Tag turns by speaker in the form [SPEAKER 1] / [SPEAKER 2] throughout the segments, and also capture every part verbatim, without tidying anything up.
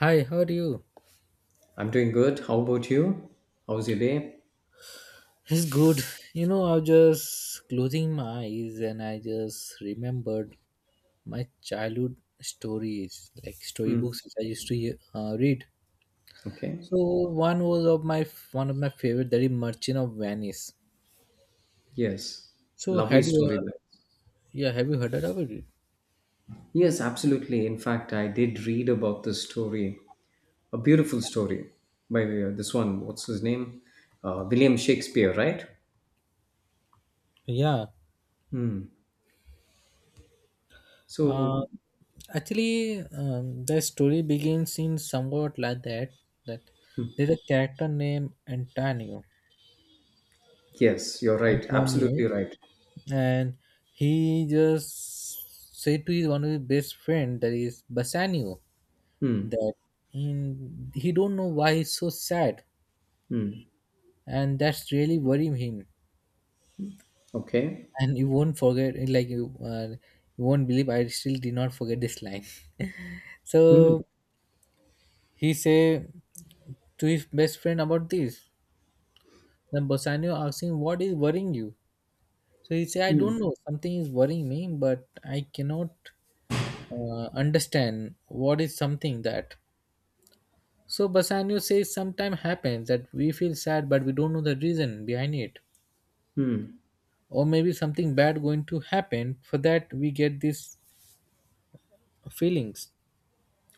[SPEAKER 1] Hi, how are you?
[SPEAKER 2] I'm doing good. How about you? How's your day?
[SPEAKER 1] It's good. You know, I was just closing my eyes and I just remembered my childhood stories, like
[SPEAKER 2] Hmm.
[SPEAKER 1] storybooks which I used to uh, read.
[SPEAKER 2] Okay.
[SPEAKER 1] So one was of my one of my favorite, that is Merchant of Venice.
[SPEAKER 2] Yes.
[SPEAKER 1] So
[SPEAKER 2] Lovely
[SPEAKER 1] had you,
[SPEAKER 2] story
[SPEAKER 1] uh,
[SPEAKER 2] there.
[SPEAKER 1] yeah, have you heard about it?
[SPEAKER 2] Yes, absolutely. In fact, I did read about this story, a beautiful story by uh, this one. What's his name? Uh, William Shakespeare, right?
[SPEAKER 1] Yeah. Uh,
[SPEAKER 2] So,
[SPEAKER 1] actually, um, the story begins in somewhat like that. That there's a character named Antonio.
[SPEAKER 2] yes, you're right. Absolutely
[SPEAKER 1] Antonio,
[SPEAKER 2] right.
[SPEAKER 1] and he just said to his one of his best friend, that is Bassanio,
[SPEAKER 2] Hmm.
[SPEAKER 1] that in he don't know why he's so sad, and that's really worrying him.
[SPEAKER 2] Okay.
[SPEAKER 1] And you won't forget like you uh, you won't believe, I still did not forget this line.
[SPEAKER 2] Hmm.
[SPEAKER 1] So he say to his best friend about this. Then Bassanio asks him, what is worrying you? So he say, I don't know, something is worrying me, but I cannot uh, understand what is something that. So Bassanio says sometimes happens that we feel sad but we don't know the reason behind it. Or maybe something bad going to happen, for that we get these feelings.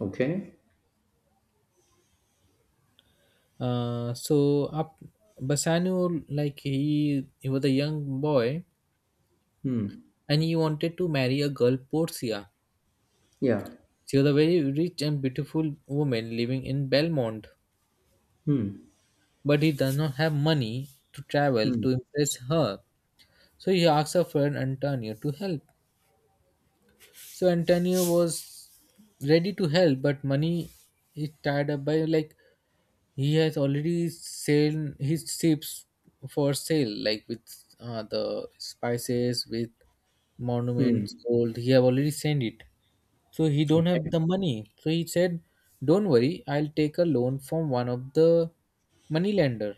[SPEAKER 2] Okay.
[SPEAKER 1] Uh, so up Bassanio, like he he was a young boy, and he wanted to marry a girl Portia.
[SPEAKER 2] Yeah.
[SPEAKER 1] She was a very rich and beautiful woman living in Belmont, but he does not have money to travel to impress her. So he asks a friend Antonio to help. So Antonio was ready to help, but money is tied up by, like, he has already sailed his ships for sale, like with uh, the spices, with monuments, gold. He have already sent it, so he don't have
[SPEAKER 2] Okay.
[SPEAKER 1] the money. So he said, "Don't worry, I'll take a loan from one of the moneylender."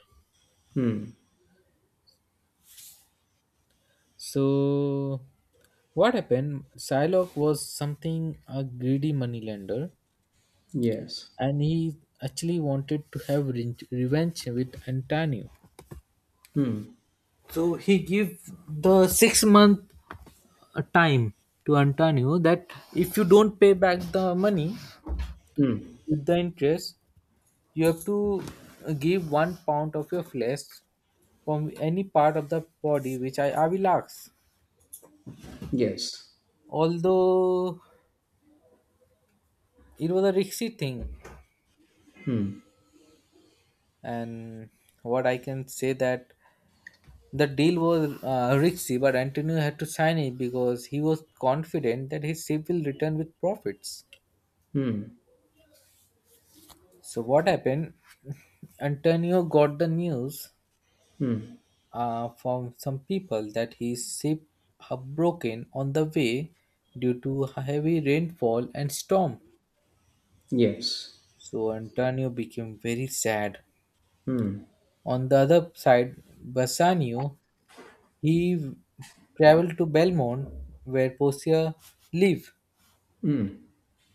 [SPEAKER 1] So what happened? Psylocke was something a greedy moneylender,
[SPEAKER 2] Yes.
[SPEAKER 1] and he actually wanted to have re- revenge with Antonio. So he gave the six month uh, time to Antonio, that if you don't pay back the money with the interest, you have to uh, give one pound of your flesh from any part of the body which I, I will ask.
[SPEAKER 2] Yes.
[SPEAKER 1] Although it was a risky thing, and what I can say that the deal was uh, risky, but Antonio had to sign it because he was confident that his ship will return with profits. So, what happened? Antonio got the news uh, from some people that his ship had broken on the way due to heavy rainfall and storm.
[SPEAKER 2] Yes.
[SPEAKER 1] So, Antonio became very sad. On the other side, Bassanio, he traveled to Belmont where Portia lived.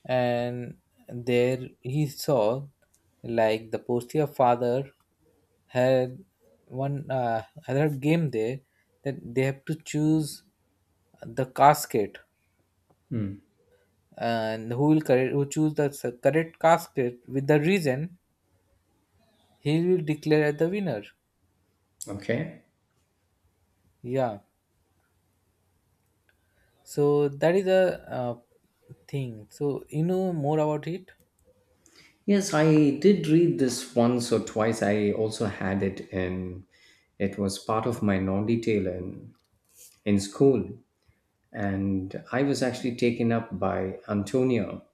[SPEAKER 1] And there he saw, like, the postia father had one uh, had a game there, that they have to choose the casket, and who will correct who choose the s- correct casket with the reason, he will declare as the winner.
[SPEAKER 2] Okay.
[SPEAKER 1] Yeah. So that is a uh, thing, so you know more about it.
[SPEAKER 2] Yes, I did read this once or twice. I also had it, and it was part of my non detail in, in school. And I was actually taken up by Antonio,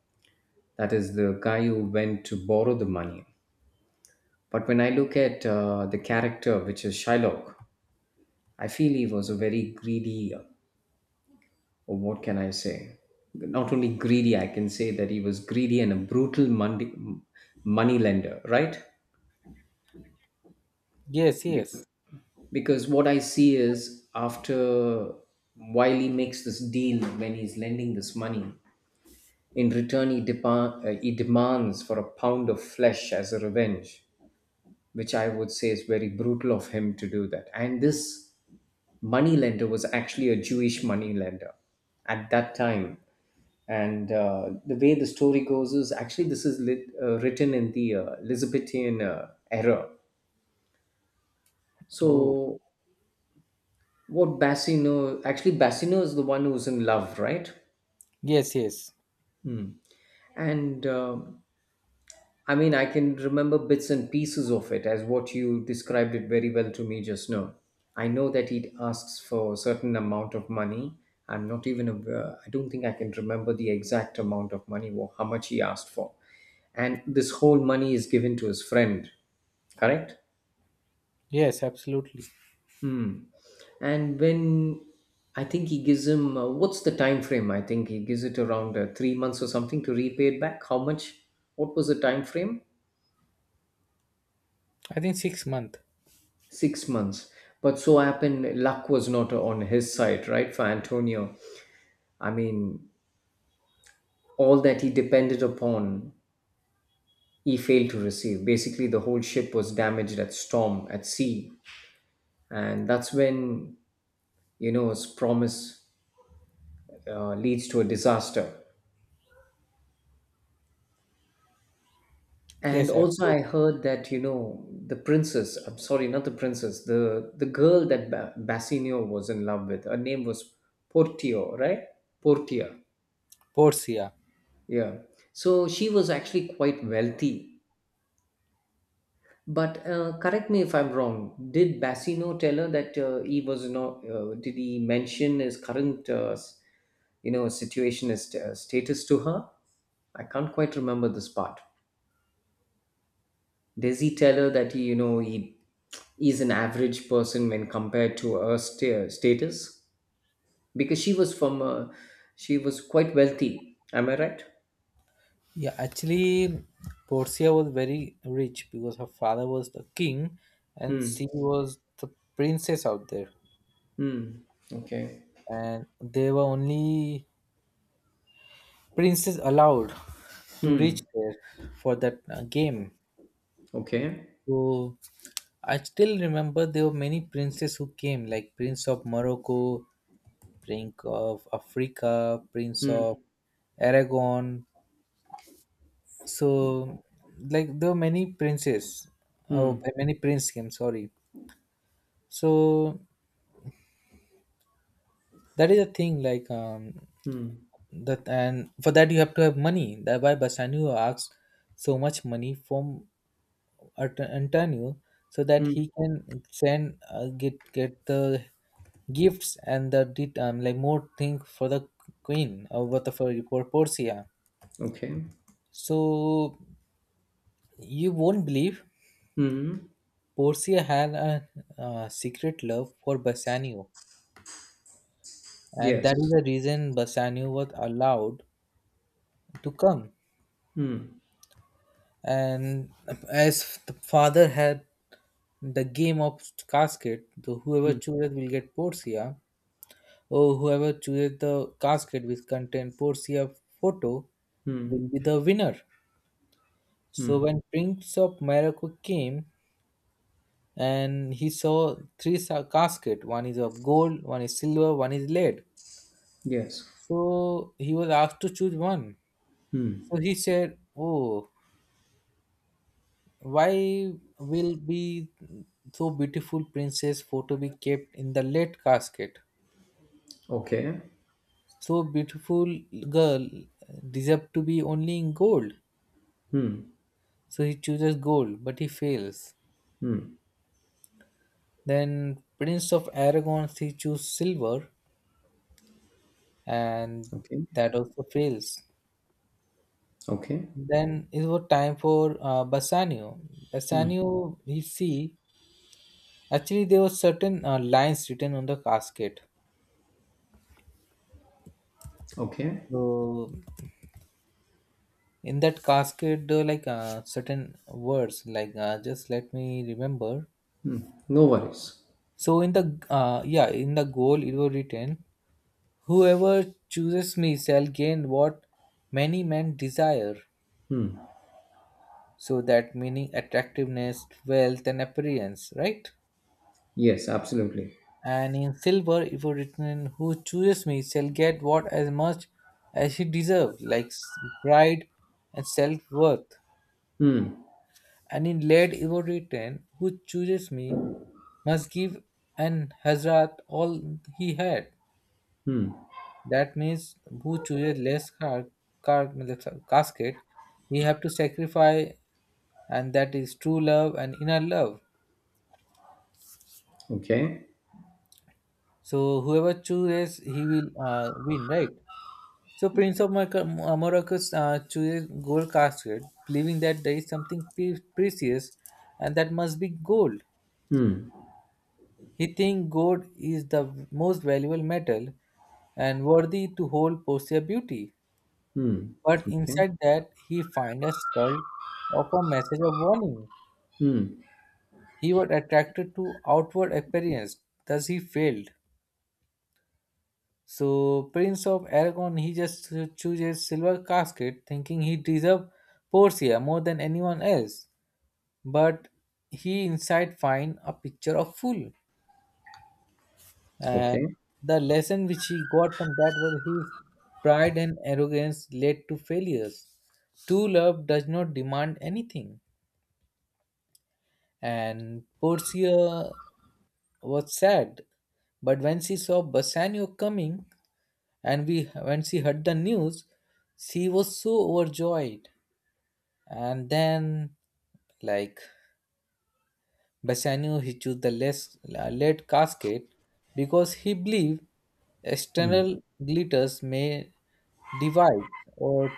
[SPEAKER 2] that is the guy who went to borrow the money. But when I look at uh, the character, which is Shylock, I feel he was a very greedy, or what can I say? Not only greedy, I can say that he was greedy and a brutal money, money lender, right?
[SPEAKER 1] Yes, yes.
[SPEAKER 2] Because what I see is after while he makes this deal when he's lending this money in return he, depa- uh, he demands for a pound of flesh as a revenge, which I would say is very brutal of him to do that. And this money lender was actually a Jewish money lender at that time. And uh, the way the story goes is actually this is lit, uh, written in the uh, Elizabethan uh, era.
[SPEAKER 1] Oh.
[SPEAKER 2] So what Bassino? Actually, Bassino is the one who's in love, right?
[SPEAKER 1] Yes, yes,
[SPEAKER 2] Hmm. And um I mean, I can remember bits and pieces of it as what you described it very well to me just now. I know that he asks for a certain amount of money. I'm not even, aware- I don't think I can remember the exact amount of money or how much he asked for. And this whole money is given to his friend, correct?
[SPEAKER 1] yes, absolutely.
[SPEAKER 2] Hmm. And when I think he gives him uh, what's the time frame? I think he gives it around uh, three months or something to repay it back. How much? What was the time frame?
[SPEAKER 1] I think six month.
[SPEAKER 2] Six months. But so happened, luck was not on his side, right? For Antonio, I mean, all that he depended upon, he failed to receive. Basically, the whole ship was damaged at storm, at sea, and that's when you know his promise uh, leads to a disaster. And
[SPEAKER 1] Yes,
[SPEAKER 2] also,
[SPEAKER 1] absolutely.
[SPEAKER 2] I heard that you know the princess. I'm sorry, not the princess. The the girl that ba- Bassanio was in love with. Her name was Portio, right? Portia.
[SPEAKER 1] Portia.
[SPEAKER 2] Yeah. So she was actually quite wealthy. But uh, correct me if I'm wrong. Did Bassino tell her that uh, he was not? Uh, did he mention his current, uh, s- you know, situation, his uh, status to her? I can't quite remember this part. Does he tell her that he, you know, he is an average person when compared to her sta- status? Because she was from, a, she was quite wealthy. Am I right?
[SPEAKER 1] Yeah, actually, Portia was very rich because her father was the king and
[SPEAKER 2] Hmm.
[SPEAKER 1] she was the princess out there.
[SPEAKER 2] Hmm. Okay.
[SPEAKER 1] And there were only princes allowed to reach
[SPEAKER 2] Hmm.
[SPEAKER 1] there for that uh, game.
[SPEAKER 2] Okay.
[SPEAKER 1] So I still remember there were many princes who came, like Prince of Morocco, Prince of Africa, Prince
[SPEAKER 2] Hmm.
[SPEAKER 1] of Aragon, so, like, there were many princes. Oh,
[SPEAKER 2] Hmm.
[SPEAKER 1] many prince came, sorry. So that is the thing, like, um
[SPEAKER 2] Hmm.
[SPEAKER 1] that, and for that you have to have money, that why basanio asks so much money from Art- antonio, so that
[SPEAKER 2] Hmm.
[SPEAKER 1] he can send uh, get get the gifts and the det- um, like more thing for the queen, or what, for for portia.
[SPEAKER 2] Okay.
[SPEAKER 1] So you won't believe,
[SPEAKER 2] Hmm.
[SPEAKER 1] Porcia had a uh, secret love for Bassanio, and
[SPEAKER 2] Yes.
[SPEAKER 1] that is the reason Bassanio was allowed to come.
[SPEAKER 2] Hmm.
[SPEAKER 1] And as the father had the game of casket, so whoever
[SPEAKER 2] Hmm.
[SPEAKER 1] chooses will get Porcia, or whoever chooses the casket which contain Porcia photo
[SPEAKER 2] Hmm.
[SPEAKER 1] will be the winner. So
[SPEAKER 2] Hmm.
[SPEAKER 1] when Prince of Morocco came and he saw three sa- casket, one is of gold, one is silver, one is lead.
[SPEAKER 2] Yes.
[SPEAKER 1] So he was asked to choose one. So he said, oh, why will be so beautiful princess photo be kept in the lead casket?
[SPEAKER 2] Okay.
[SPEAKER 1] So beautiful girl deserved to be only in gold. So he chooses gold, but he fails. Then Prince of Aragon, he chooses silver, and
[SPEAKER 2] Okay.
[SPEAKER 1] that also fails.
[SPEAKER 2] Okay.
[SPEAKER 1] Then it was time for uh, Bassanio. Bassanio, he see Actually, there were certain uh, lines written on the casket.
[SPEAKER 2] Okay.
[SPEAKER 1] So in that casket, uh, like, uh, certain words, like, uh, just let me remember.
[SPEAKER 2] No worries.
[SPEAKER 1] So in the uh, yeah, in the goal, it was written, "Whoever chooses me shall gain what many men desire." So that meaning attractiveness, wealth, and appearance, right?
[SPEAKER 2] Yes, absolutely.
[SPEAKER 1] And in silver it was written, who chooses me shall get what as much as he deserves, like s- pride and self-worth.
[SPEAKER 2] Hmm.
[SPEAKER 1] And in lead it was written, who chooses me must give an hazrat all he had.
[SPEAKER 2] Hmm.
[SPEAKER 1] That means who chooses less car, car matlab sa- casket, he have to sacrifice, and that is true love and inner love.
[SPEAKER 2] Okay.
[SPEAKER 1] So whoever chooses, he will uh, win, right? So Prince of Morocco, Morocco uh, chooses gold casket, believing that there is something pre- precious, and that must be gold. He thinks gold is the most valuable metal and worthy to hold Portia beauty.
[SPEAKER 2] Hmm.
[SPEAKER 1] But
[SPEAKER 2] Okay.
[SPEAKER 1] inside that, he finds a skull of a message of warning.
[SPEAKER 2] Hmm.
[SPEAKER 1] He was attracted to outward appearance, thus he failed. So Prince of Aragon, he just chooses silver casket, thinking he deserves Portia more than anyone else. But he inside find a picture of fool, and
[SPEAKER 2] Okay.
[SPEAKER 1] the lesson which he got from that was, his pride and arrogance led to failures. True love does not demand anything. And portia was sad, but when she saw bassanio coming, and we when she heard the news, she was so overjoyed. And then, like, Bassanio, he chose the less uh, lead casket because he believed external glitters may divide, or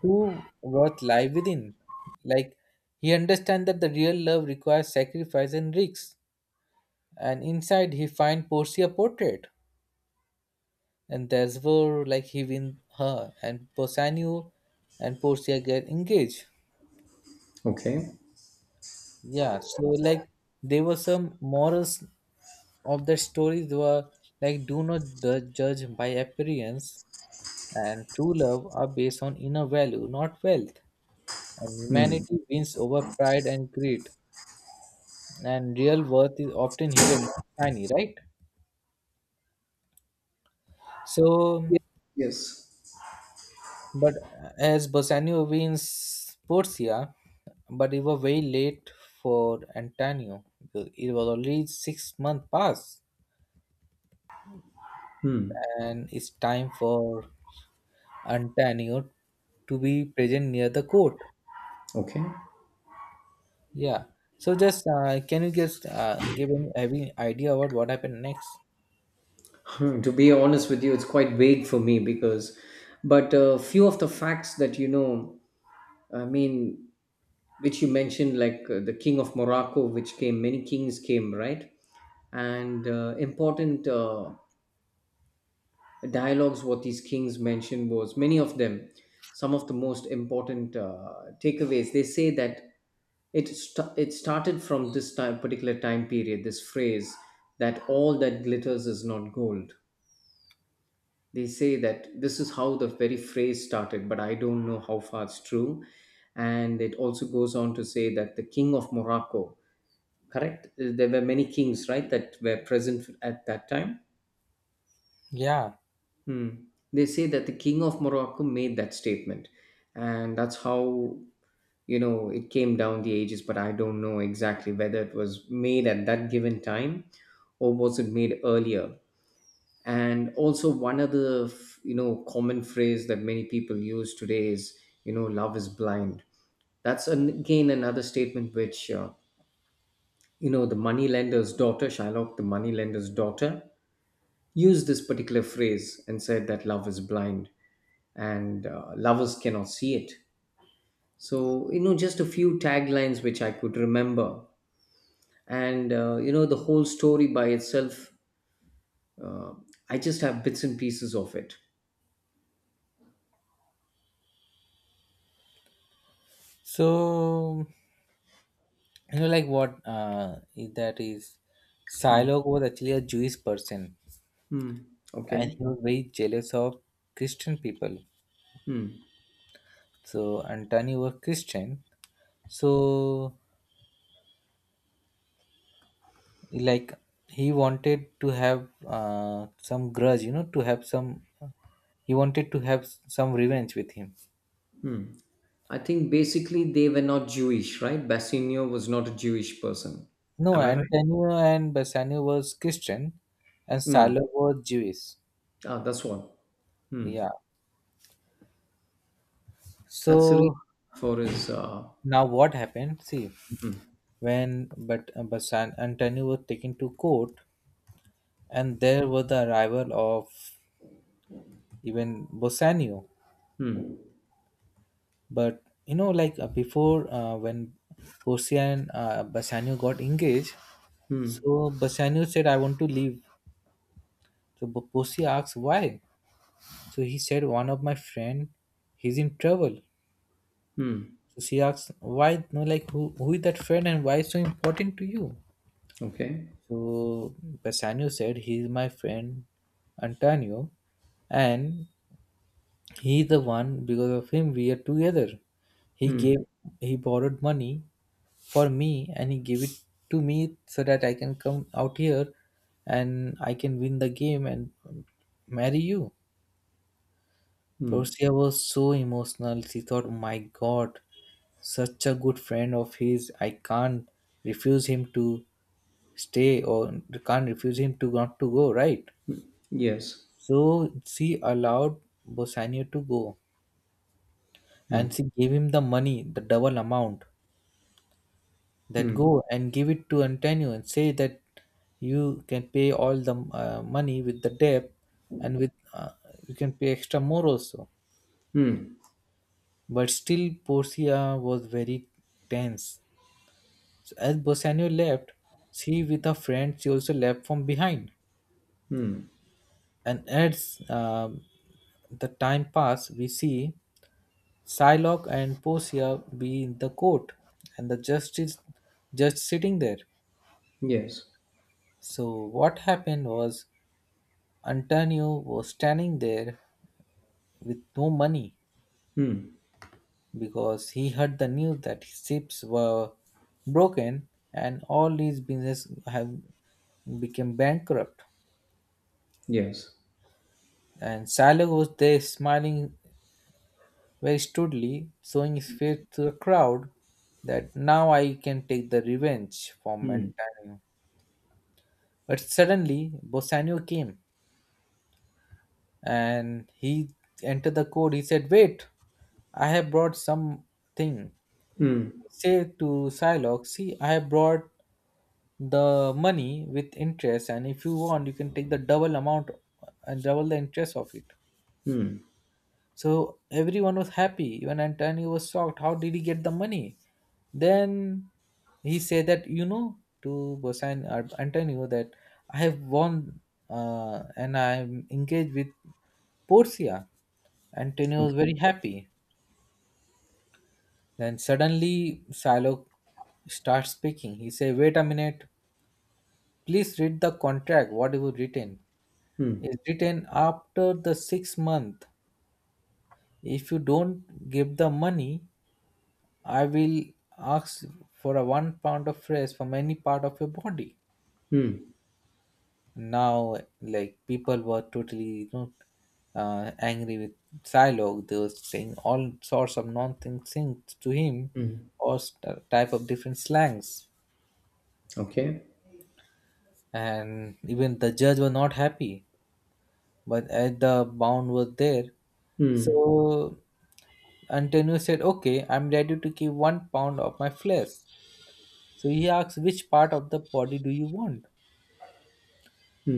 [SPEAKER 1] true worth lie within. Like, he understands that the real love requires sacrifice and risks, and inside he finds Portia portrait, and therefore, like, he win her, and Bassanio and Portia get engaged.
[SPEAKER 2] Okay.
[SPEAKER 1] Yeah, so, like, there were some morals of the stories were, like, do not du- judge by appearance, and true love are based on inner value, not wealth. And
[SPEAKER 2] Hmm.
[SPEAKER 1] humanity wins over pride and greed. And real worth is often hidden, not shiny, right? So,
[SPEAKER 2] Ye- Yes.
[SPEAKER 1] but as Bassanio wins Portia, but it was very late for Antonio. It was already six month past, and it's time for Antonio to be present near the court.
[SPEAKER 2] Okay.
[SPEAKER 1] Yeah. So just uh, can you just uh, give any, any idea about what happened next?
[SPEAKER 2] Hmm. To be honest with you, it's quite vague for me, because but a few of the facts that you know, I mean, which you mentioned, like uh, the king of Morocco, which came, many kings came, right? And uh, important uh, dialogues what these kings mentioned was many of them, some of the most important uh, takeaways they say that it st- it started from this time particular time period this phrase that all that glitters is not gold. They say that this is how the very phrase started, but I don't know how far it's true. And it also goes on to say that the king of Morocco, correct, there were many kings, right, that were present at that time.
[SPEAKER 1] Yeah.
[SPEAKER 2] Hmm. They say that the king of Morocco made that statement, and that's how you know it came down the ages. But I don't know exactly whether it was made at that given time or was it made earlier. And also, one other f- you know common phrase that many people use today is you know love is blind. That's an, again another statement which uh, you know the moneylender's daughter, Shylock, the moneylender's daughter, used this particular phrase and said that love is blind and uh, lovers cannot see it. So, you know, just a few taglines which I could remember. And, uh, you know, the whole story by itself, uh, I just have bits and pieces of it.
[SPEAKER 1] So, you know, like, what uh, is that is Shylock
[SPEAKER 2] Hmm.
[SPEAKER 1] was actually a Jewish person,
[SPEAKER 2] Hmm.
[SPEAKER 1] and
[SPEAKER 2] Okay.
[SPEAKER 1] he was very jealous of Christian people.
[SPEAKER 2] Hmm.
[SPEAKER 1] So Antony was Christian, so, like, he wanted to have uh, some grudge, you know, to have some. He wanted to have some revenge with him.
[SPEAKER 2] Hmm. I think basically they were not Jewish, right? Bassanio was not a Jewish person.
[SPEAKER 1] No,
[SPEAKER 2] Am I right?
[SPEAKER 1] Antonio and Bassanio was Christian, and Salo
[SPEAKER 2] Hmm.
[SPEAKER 1] was Jewish.
[SPEAKER 2] Ah, that's one. Hmm.
[SPEAKER 1] Yeah.
[SPEAKER 2] That's the
[SPEAKER 1] So
[SPEAKER 2] reason for his. Uh,
[SPEAKER 1] now what happened? See, when but uh, Bassan Antonio was taken to court, and there was the arrival of even Bassanio. But, you know, like, uh, before, uh, when Porcia and uh, Bassanio got engaged,
[SPEAKER 2] hmm.
[SPEAKER 1] so Bassanio said, I want to leave. So Bo- Porcia asked why. So he said, one of my friend, he's in trouble.
[SPEAKER 2] Hmm.
[SPEAKER 1] So she asks, why, no, like, who, who is that friend and why is so important to you?
[SPEAKER 2] Okay.
[SPEAKER 1] So Bassanio said, he is my friend Antonio, and he is the one because of him we are together. He gave, he borrowed money for me, and he gave it to me so that I can come out here and I can win the game and marry you.
[SPEAKER 2] Hmm.
[SPEAKER 1] Portia was so emotional. She thought, my God, such a good friend of his. I can't refuse him to stay, or can't refuse him to not to go, right?
[SPEAKER 2] Yes.
[SPEAKER 1] So she allowed Bassanio to go, and she gave him the money, the double amount, that go and give it to Antonio and say that you can pay all the uh, money with the debt, and with uh, you can pay extra more also. But still, Portia was very tense. So as Bassanio left, she with her friend, she also left from behind. And as um, the time passed, we see Psylocke and Portia be in the court and the justice just sitting there.
[SPEAKER 2] Yes.
[SPEAKER 1] So what happened was, Antonio was standing there with no money because he heard the news that his ships were broken and all his business have became bankrupt.
[SPEAKER 2] Yes.
[SPEAKER 1] And Silo was there smiling where he stood, showing his face to the crowd, that now I can take the revenge from Antonio. But suddenly Bassanio came and he entered the court. He said, wait, I have brought something. He said to Psylocke, "See, I have brought the money with interest, and if you want, you can take the double amount and double the interest of it." So everyone was happy. Even Antonio was shocked. How did he get the money? Then he said that you know to Bosan uh, Antonio that I have won uh, and I'm engaged with Portia. Antonio
[SPEAKER 2] Okay.
[SPEAKER 1] was very happy. Then suddenly Silo starts speaking. He said, "Wait a minute, please read the contract, what you written. It's written after the six month. If you don't give the money, I will ask for a one pound of fries from any part of your body." Now, like people were totally, you know, uh, angry with Silo. They were saying all sorts of nonsense things to him, or st- type of different slangs,
[SPEAKER 2] Okay.
[SPEAKER 1] and even the judge were not happy. But at the bound was there, so Antonio said, "Okay, I'm ready to give one pound of my flesh." So he asked, "Which part of the body do you want?"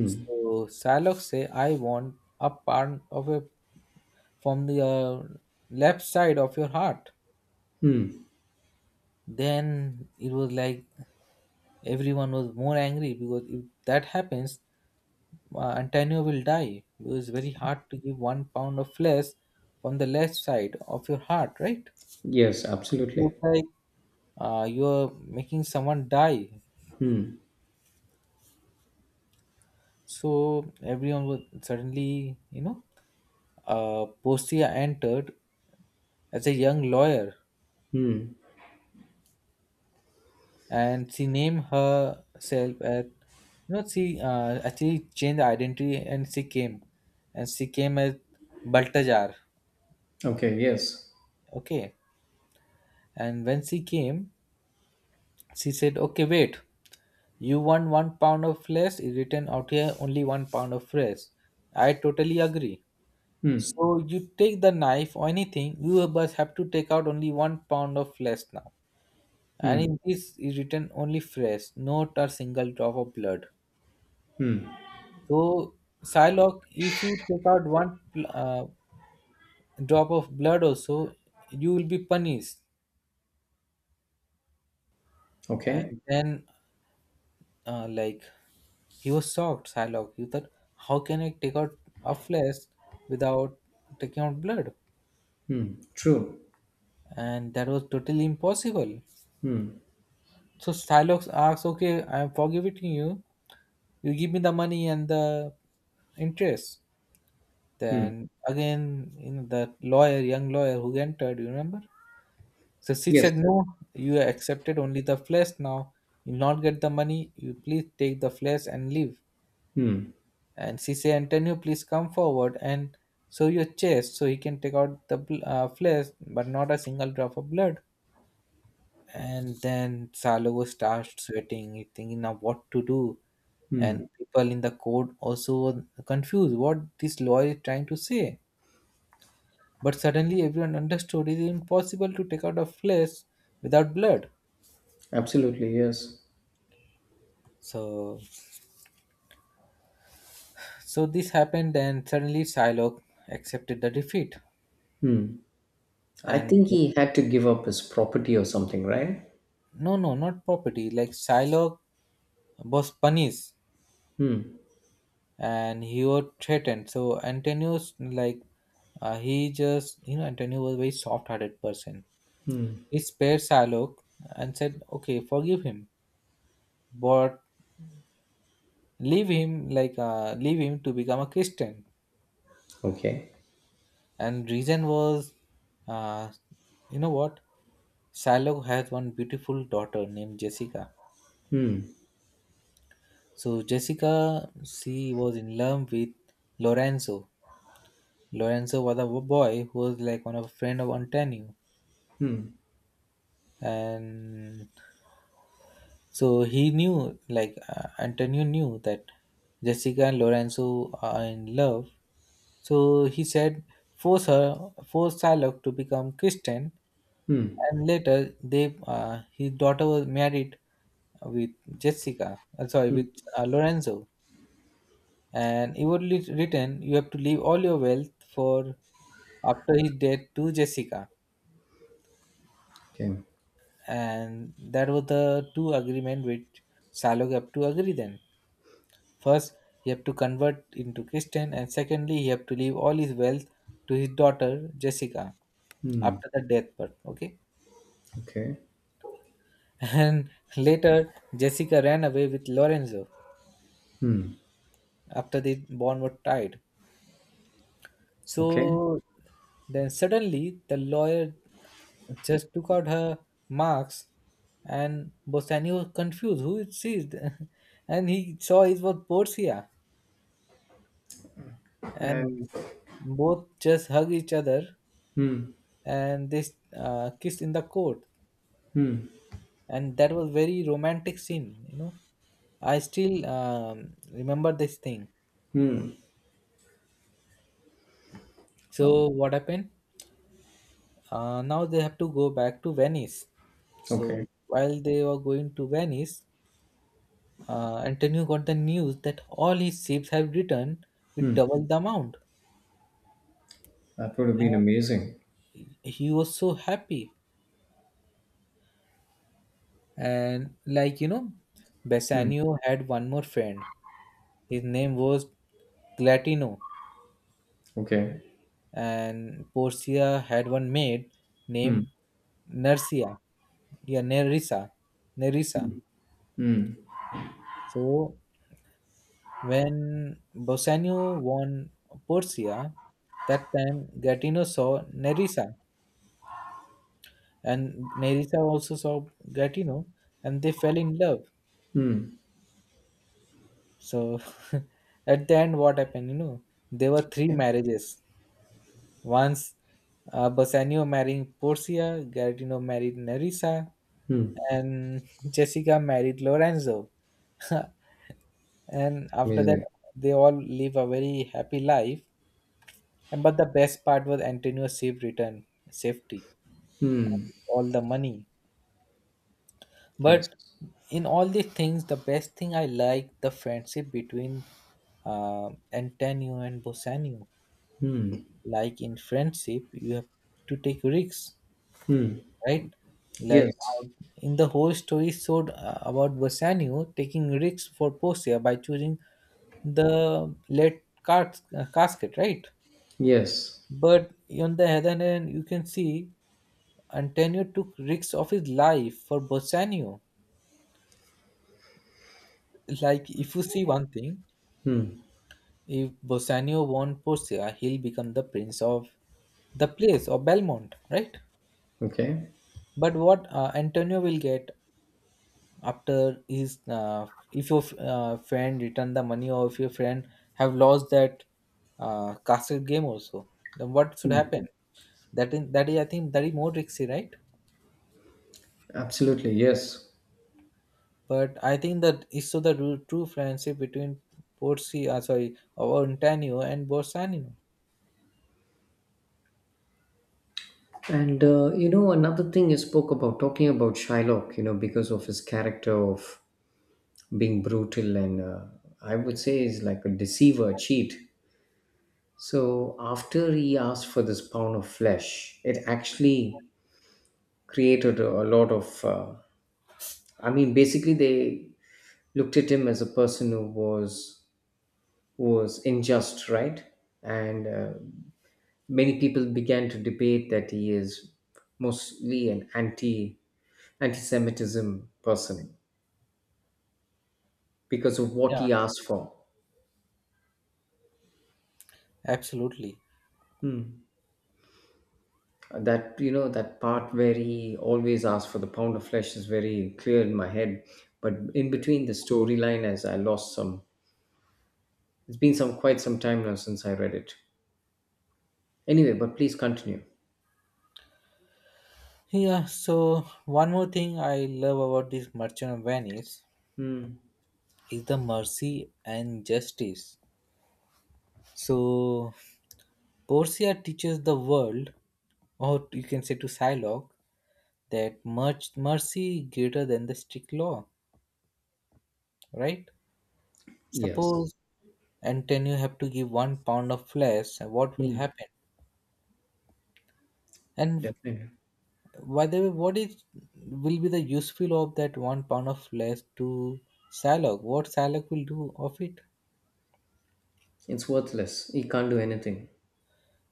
[SPEAKER 1] So Salok say, "I want a part of a from the uh, left side of your heart." Then it was like everyone was more angry because if that happens, uh, Antonio will die. It was very hard to give one pound of flesh from the left side of your heart, right?
[SPEAKER 2] Yes,
[SPEAKER 1] It looks
[SPEAKER 2] absolutely.
[SPEAKER 1] like uh, you're making someone die. So everyone was suddenly, you know, uh, Postia entered as a young lawyer, and she named herself at, you know she uh, actually changed the identity, and she came and she came as baltajar.
[SPEAKER 2] Okay, yes.
[SPEAKER 1] Okay, and when she came, she said, "Okay, wait, you want one pound of flesh. Is written out here only one pound of flesh. I totally agree. So you take the knife or anything, you must have to take out only one pound of flesh now, and in this is written only flesh, not a single drop of blood. So, Psylocke, if you take out one pl- uh, drop of blood, also you will be punished."
[SPEAKER 2] Okay.
[SPEAKER 1] And then, uh, like, he was shocked, Psylocke. He thought, how can I take out a flesh without taking out blood?
[SPEAKER 2] True.
[SPEAKER 1] And that was totally impossible. So, Psylocke asks, "Okay, I am forgiving you. You give me the money and the interest." Then again, you know, the lawyer, young lawyer who entered, you remember? So she
[SPEAKER 2] Yes,
[SPEAKER 1] said, "No, you accepted only the flesh now. You not get the money. You please take the flesh and leave." And she said, "Antonio, please come forward and show your chest so he can take out the bl- uh, flesh, but not a single drop of blood." And then Salogo starts sweating. He thinking now what to do. And people in the court also were confused what this lawyer is trying to say. But suddenly everyone understood it is impossible to take out a flesh without blood.
[SPEAKER 2] absolutely. Yes.
[SPEAKER 1] So So this happened, and suddenly Psylocke accepted the defeat.
[SPEAKER 2] I
[SPEAKER 1] And
[SPEAKER 2] think he had to give up his property or something, right?
[SPEAKER 1] no, no, not property. Like Psylocke was punished, and he was threatened. So Antonio's like, uh, he just you know Antonio was a very soft-hearted person. He spared Psylocke and said, "Okay, forgive him, but leave him like uh, leave him to become a Christian."
[SPEAKER 2] Okay.
[SPEAKER 1] And reason was, uh, you know what? Psylocke has one beautiful daughter named Jessica. So Jessica, she was in love with Lorenzo. Lorenzo was a boy who was like one of a friend of Antonio, and so he knew, like uh, Antonio knew that Jessica and Lorenzo are in love. So he said, force her, force Salok to become Christian, and later they, uh, his daughter was married with Jessica. Uh, sorry, with uh, Lorenzo. And inwardly written, you have to leave all your wealth for after his death to Jessica.
[SPEAKER 2] Okay.
[SPEAKER 1] And that was the two agreement which Salog have to agree. Then first, he have to convert into Christian, and secondly, he have to leave all his wealth to his daughter Jessica after the death part. Okay.
[SPEAKER 2] Okay.
[SPEAKER 1] And later, Jessica ran away with Lorenzo after the bond was tied.
[SPEAKER 2] Okay.
[SPEAKER 1] So then suddenly the lawyer just took out her marks, and Bosani was confused who it is. And he saw it was Portia, and
[SPEAKER 2] And
[SPEAKER 1] both just hugged each other,
[SPEAKER 2] hmm,
[SPEAKER 1] and they uh, kissed in the court, and that was very romantic scene. you know I still um, remember this thing.
[SPEAKER 2] hmm. Oh,
[SPEAKER 1] So what happened? Uh, now they have to go back to Venice. So
[SPEAKER 2] okay.
[SPEAKER 1] while they were going to Venice, uh, Antonio got the news that all his ships have returned with double the amount.
[SPEAKER 2] That would have
[SPEAKER 1] And
[SPEAKER 2] been amazing.
[SPEAKER 1] he was so happy. And like, you know, Bassanio had one more friend. His name was Glatino,
[SPEAKER 2] Okay.
[SPEAKER 1] and Portia had one maid named Nersia. Yeah, Nerissa. Nerissa. So when Bassanio won Portia, that time Gratino saw Nerissa and Nerissa also saw Gatino, and they fell in love. So at the end, what happened? You know, there were three marriages. Once, uh, Bassanio marrying Porcia, Gattino married Nerissa,
[SPEAKER 2] Hmm.
[SPEAKER 1] and Jessica married Lorenzo. And after that,
[SPEAKER 2] Amazing.
[SPEAKER 1] they all live a very happy life. And but the best part was Antonio's safe return, safety, all the money.
[SPEAKER 2] Yes.
[SPEAKER 1] But in all these things, the best thing I like, the friendship between uh, Antonio and Bosanio. Like in friendship, you have to take risks, right? like
[SPEAKER 2] Yes.
[SPEAKER 1] how- in the whole story showed, uh, about Bosanio taking risks for Portia by choosing the lead cas- uh, casket, right?
[SPEAKER 2] Yes.
[SPEAKER 1] But on the other hand, you can see Antonio took risks of his life for Bosanio. Like if you see one thing, if Bassanio won Porcia, he'll become the prince of the place of Belmont, right?
[SPEAKER 2] Okay.
[SPEAKER 1] But what uh, Antonio will get after his, uh, if your uh, friend return the money or if your friend have lost that uh, castle game also, then what should happen? That in that is, I think, that is more risky, right?
[SPEAKER 2] Absolutely. Yes.
[SPEAKER 1] But I think that is so the ru- true friendship between Porcia, sorry, or Antonio and Borsanino.
[SPEAKER 2] And uh, you know, another thing you spoke about talking about Shylock, you know, because of his character of being brutal and uh, I would say is like a deceiver, cheat. So after he asked for this pound of flesh, it actually created a, a lot of. Uh, I mean, basically, they looked at him as a person who was was unjust, right? And uh, many people began to debate that he is mostly an anti anti-Semitism person because of what
[SPEAKER 1] Yeah,
[SPEAKER 2] he asked for.
[SPEAKER 1] absolutely.
[SPEAKER 2] Hmm. That you know that part where he always asked for the pound of flesh is very clear in my head, but in between the storyline, as I lost some. It's been some quite some time now since I read it. Anyway, but please continue.
[SPEAKER 1] Yeah, so one more thing I love about this Merchant of Venice
[SPEAKER 2] Hmm.
[SPEAKER 1] is the mercy and justice. So Portia teaches the world, or you can say to Psylocke, that much mercy greater than the strict law, right?
[SPEAKER 2] Yes.
[SPEAKER 1] Suppose Antonio have to give one pound of flesh, what will
[SPEAKER 2] Hmm.
[SPEAKER 1] happen? And f-
[SPEAKER 2] Definitely.
[SPEAKER 1] by the way, what is will be the useful of that one pound of flesh to Psylocke? What Psylocke will do of it?
[SPEAKER 2] It's worthless. He can't do anything.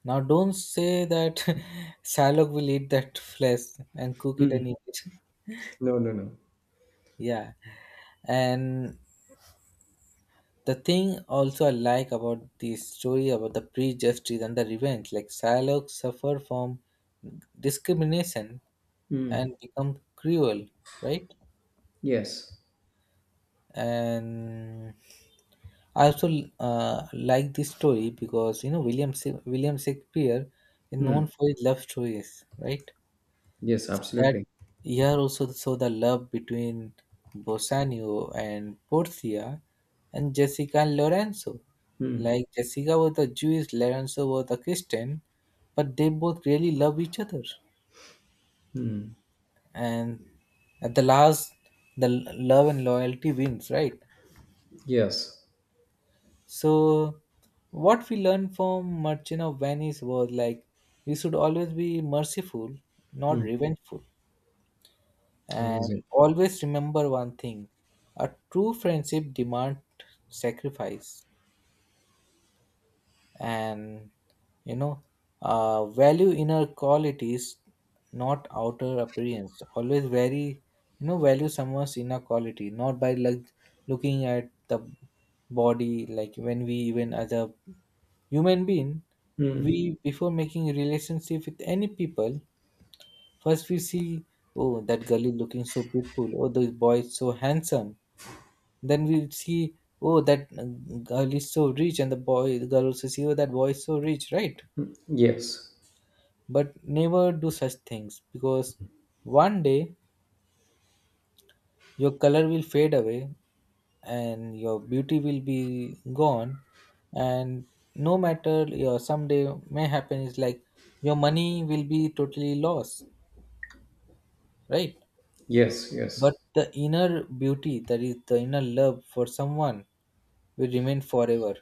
[SPEAKER 1] Now, don't say that Shylock will eat that flesh and cook it
[SPEAKER 2] Mm.
[SPEAKER 1] and eat it.
[SPEAKER 2] No, no, no.
[SPEAKER 1] Yeah. And the thing also I like about the story about the pre and the revenge, like Shylock suffer from discrimination
[SPEAKER 2] Mm.
[SPEAKER 1] and become cruel, right?
[SPEAKER 2] Yes.
[SPEAKER 1] And I also uh, like this story because you know William Sha- William Shakespeare is known
[SPEAKER 2] Mm.
[SPEAKER 1] for his love stories, right?
[SPEAKER 2] Yes,
[SPEAKER 1] That
[SPEAKER 2] absolutely.
[SPEAKER 1] year also saw the love between Bassanio and Portia and Jessica and Lorenzo.
[SPEAKER 2] Mm.
[SPEAKER 1] Like Jessica was a Jewish, Lorenzo was a Christian, but they both really love each other. And at the last, the l- love and loyalty wins, right?
[SPEAKER 2] Yes.
[SPEAKER 1] So, what we learned from Merchant of Venice was like we should always be merciful, not
[SPEAKER 2] Mm.
[SPEAKER 1] revengeful.
[SPEAKER 2] Amazing.
[SPEAKER 1] And always remember one thing, a true friendship demands sacrifice. And, you know, uh, value inner qualities, not outer appearance. Always very, you know, value someone's inner quality, not by like looking at the body, like when we even as a human being,
[SPEAKER 2] Mm.
[SPEAKER 1] we before making relationship with any people, first, we see, oh, that girl is looking so beautiful. Oh, the boy is so handsome. Then we see, oh, that uh, girl is so rich, and the boy, the girl also see, oh, that boy is so rich, right?
[SPEAKER 2] Yes.
[SPEAKER 1] But never do such things because one day your color will fade away and your beauty will be gone. And no matter your someday may happen is like your money will be totally lost, right?
[SPEAKER 2] Yes,
[SPEAKER 1] But
[SPEAKER 2] yes.
[SPEAKER 1] the inner beauty, that is the inner love for someone, will remain forever.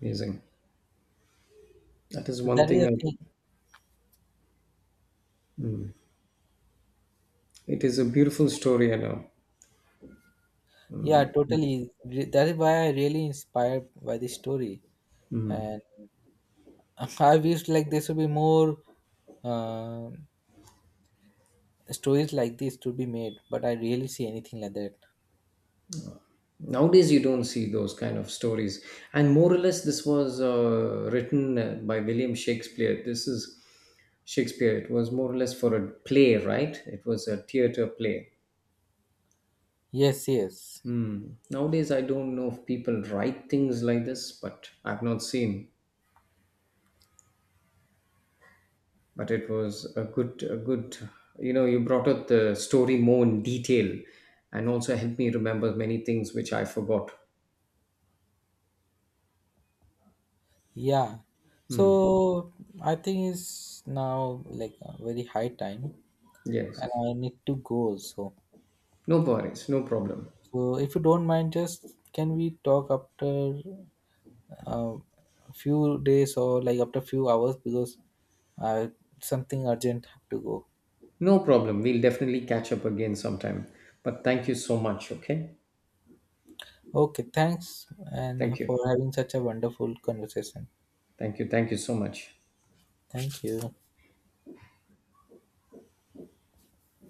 [SPEAKER 2] Amazing. That is
[SPEAKER 1] So
[SPEAKER 2] one
[SPEAKER 1] that is a
[SPEAKER 2] thing.
[SPEAKER 1] thing.
[SPEAKER 2] I- It is a beautiful story, I know.
[SPEAKER 1] Yeah, totally. Re- That is why I really inspired by this story, and I wish like there should be more uh, stories like this to be made. But I really see anything like that.
[SPEAKER 2] Nowadays, you don't see those kind of stories. And more or less, this was uh, written uh, by William Shakespeare. This is Shakespeare. It was more or less for a play, right? It was a theater play.
[SPEAKER 1] Yes, yes,
[SPEAKER 2] Hmm. Nowadays, I don't know if people write things like this, but I've not seen. But it was a good, a good. You know, you brought up the story more in detail, and also helped me remember many things which I forgot.
[SPEAKER 1] yeah. So I think it's now like a very high time,
[SPEAKER 2] Yes,
[SPEAKER 1] and I need to go. So
[SPEAKER 2] no worries, no problem,
[SPEAKER 1] So if you don't mind, just can we talk after uh, a few days or like after few hours because uh, something urgent have to go.
[SPEAKER 2] no problem. We'll definitely catch up again sometime. But thank you so much. Okay,
[SPEAKER 1] Okay, thanks and
[SPEAKER 2] thank you,
[SPEAKER 1] for having such a wonderful conversation.
[SPEAKER 2] thank you, thank you so much.
[SPEAKER 1] Thank you.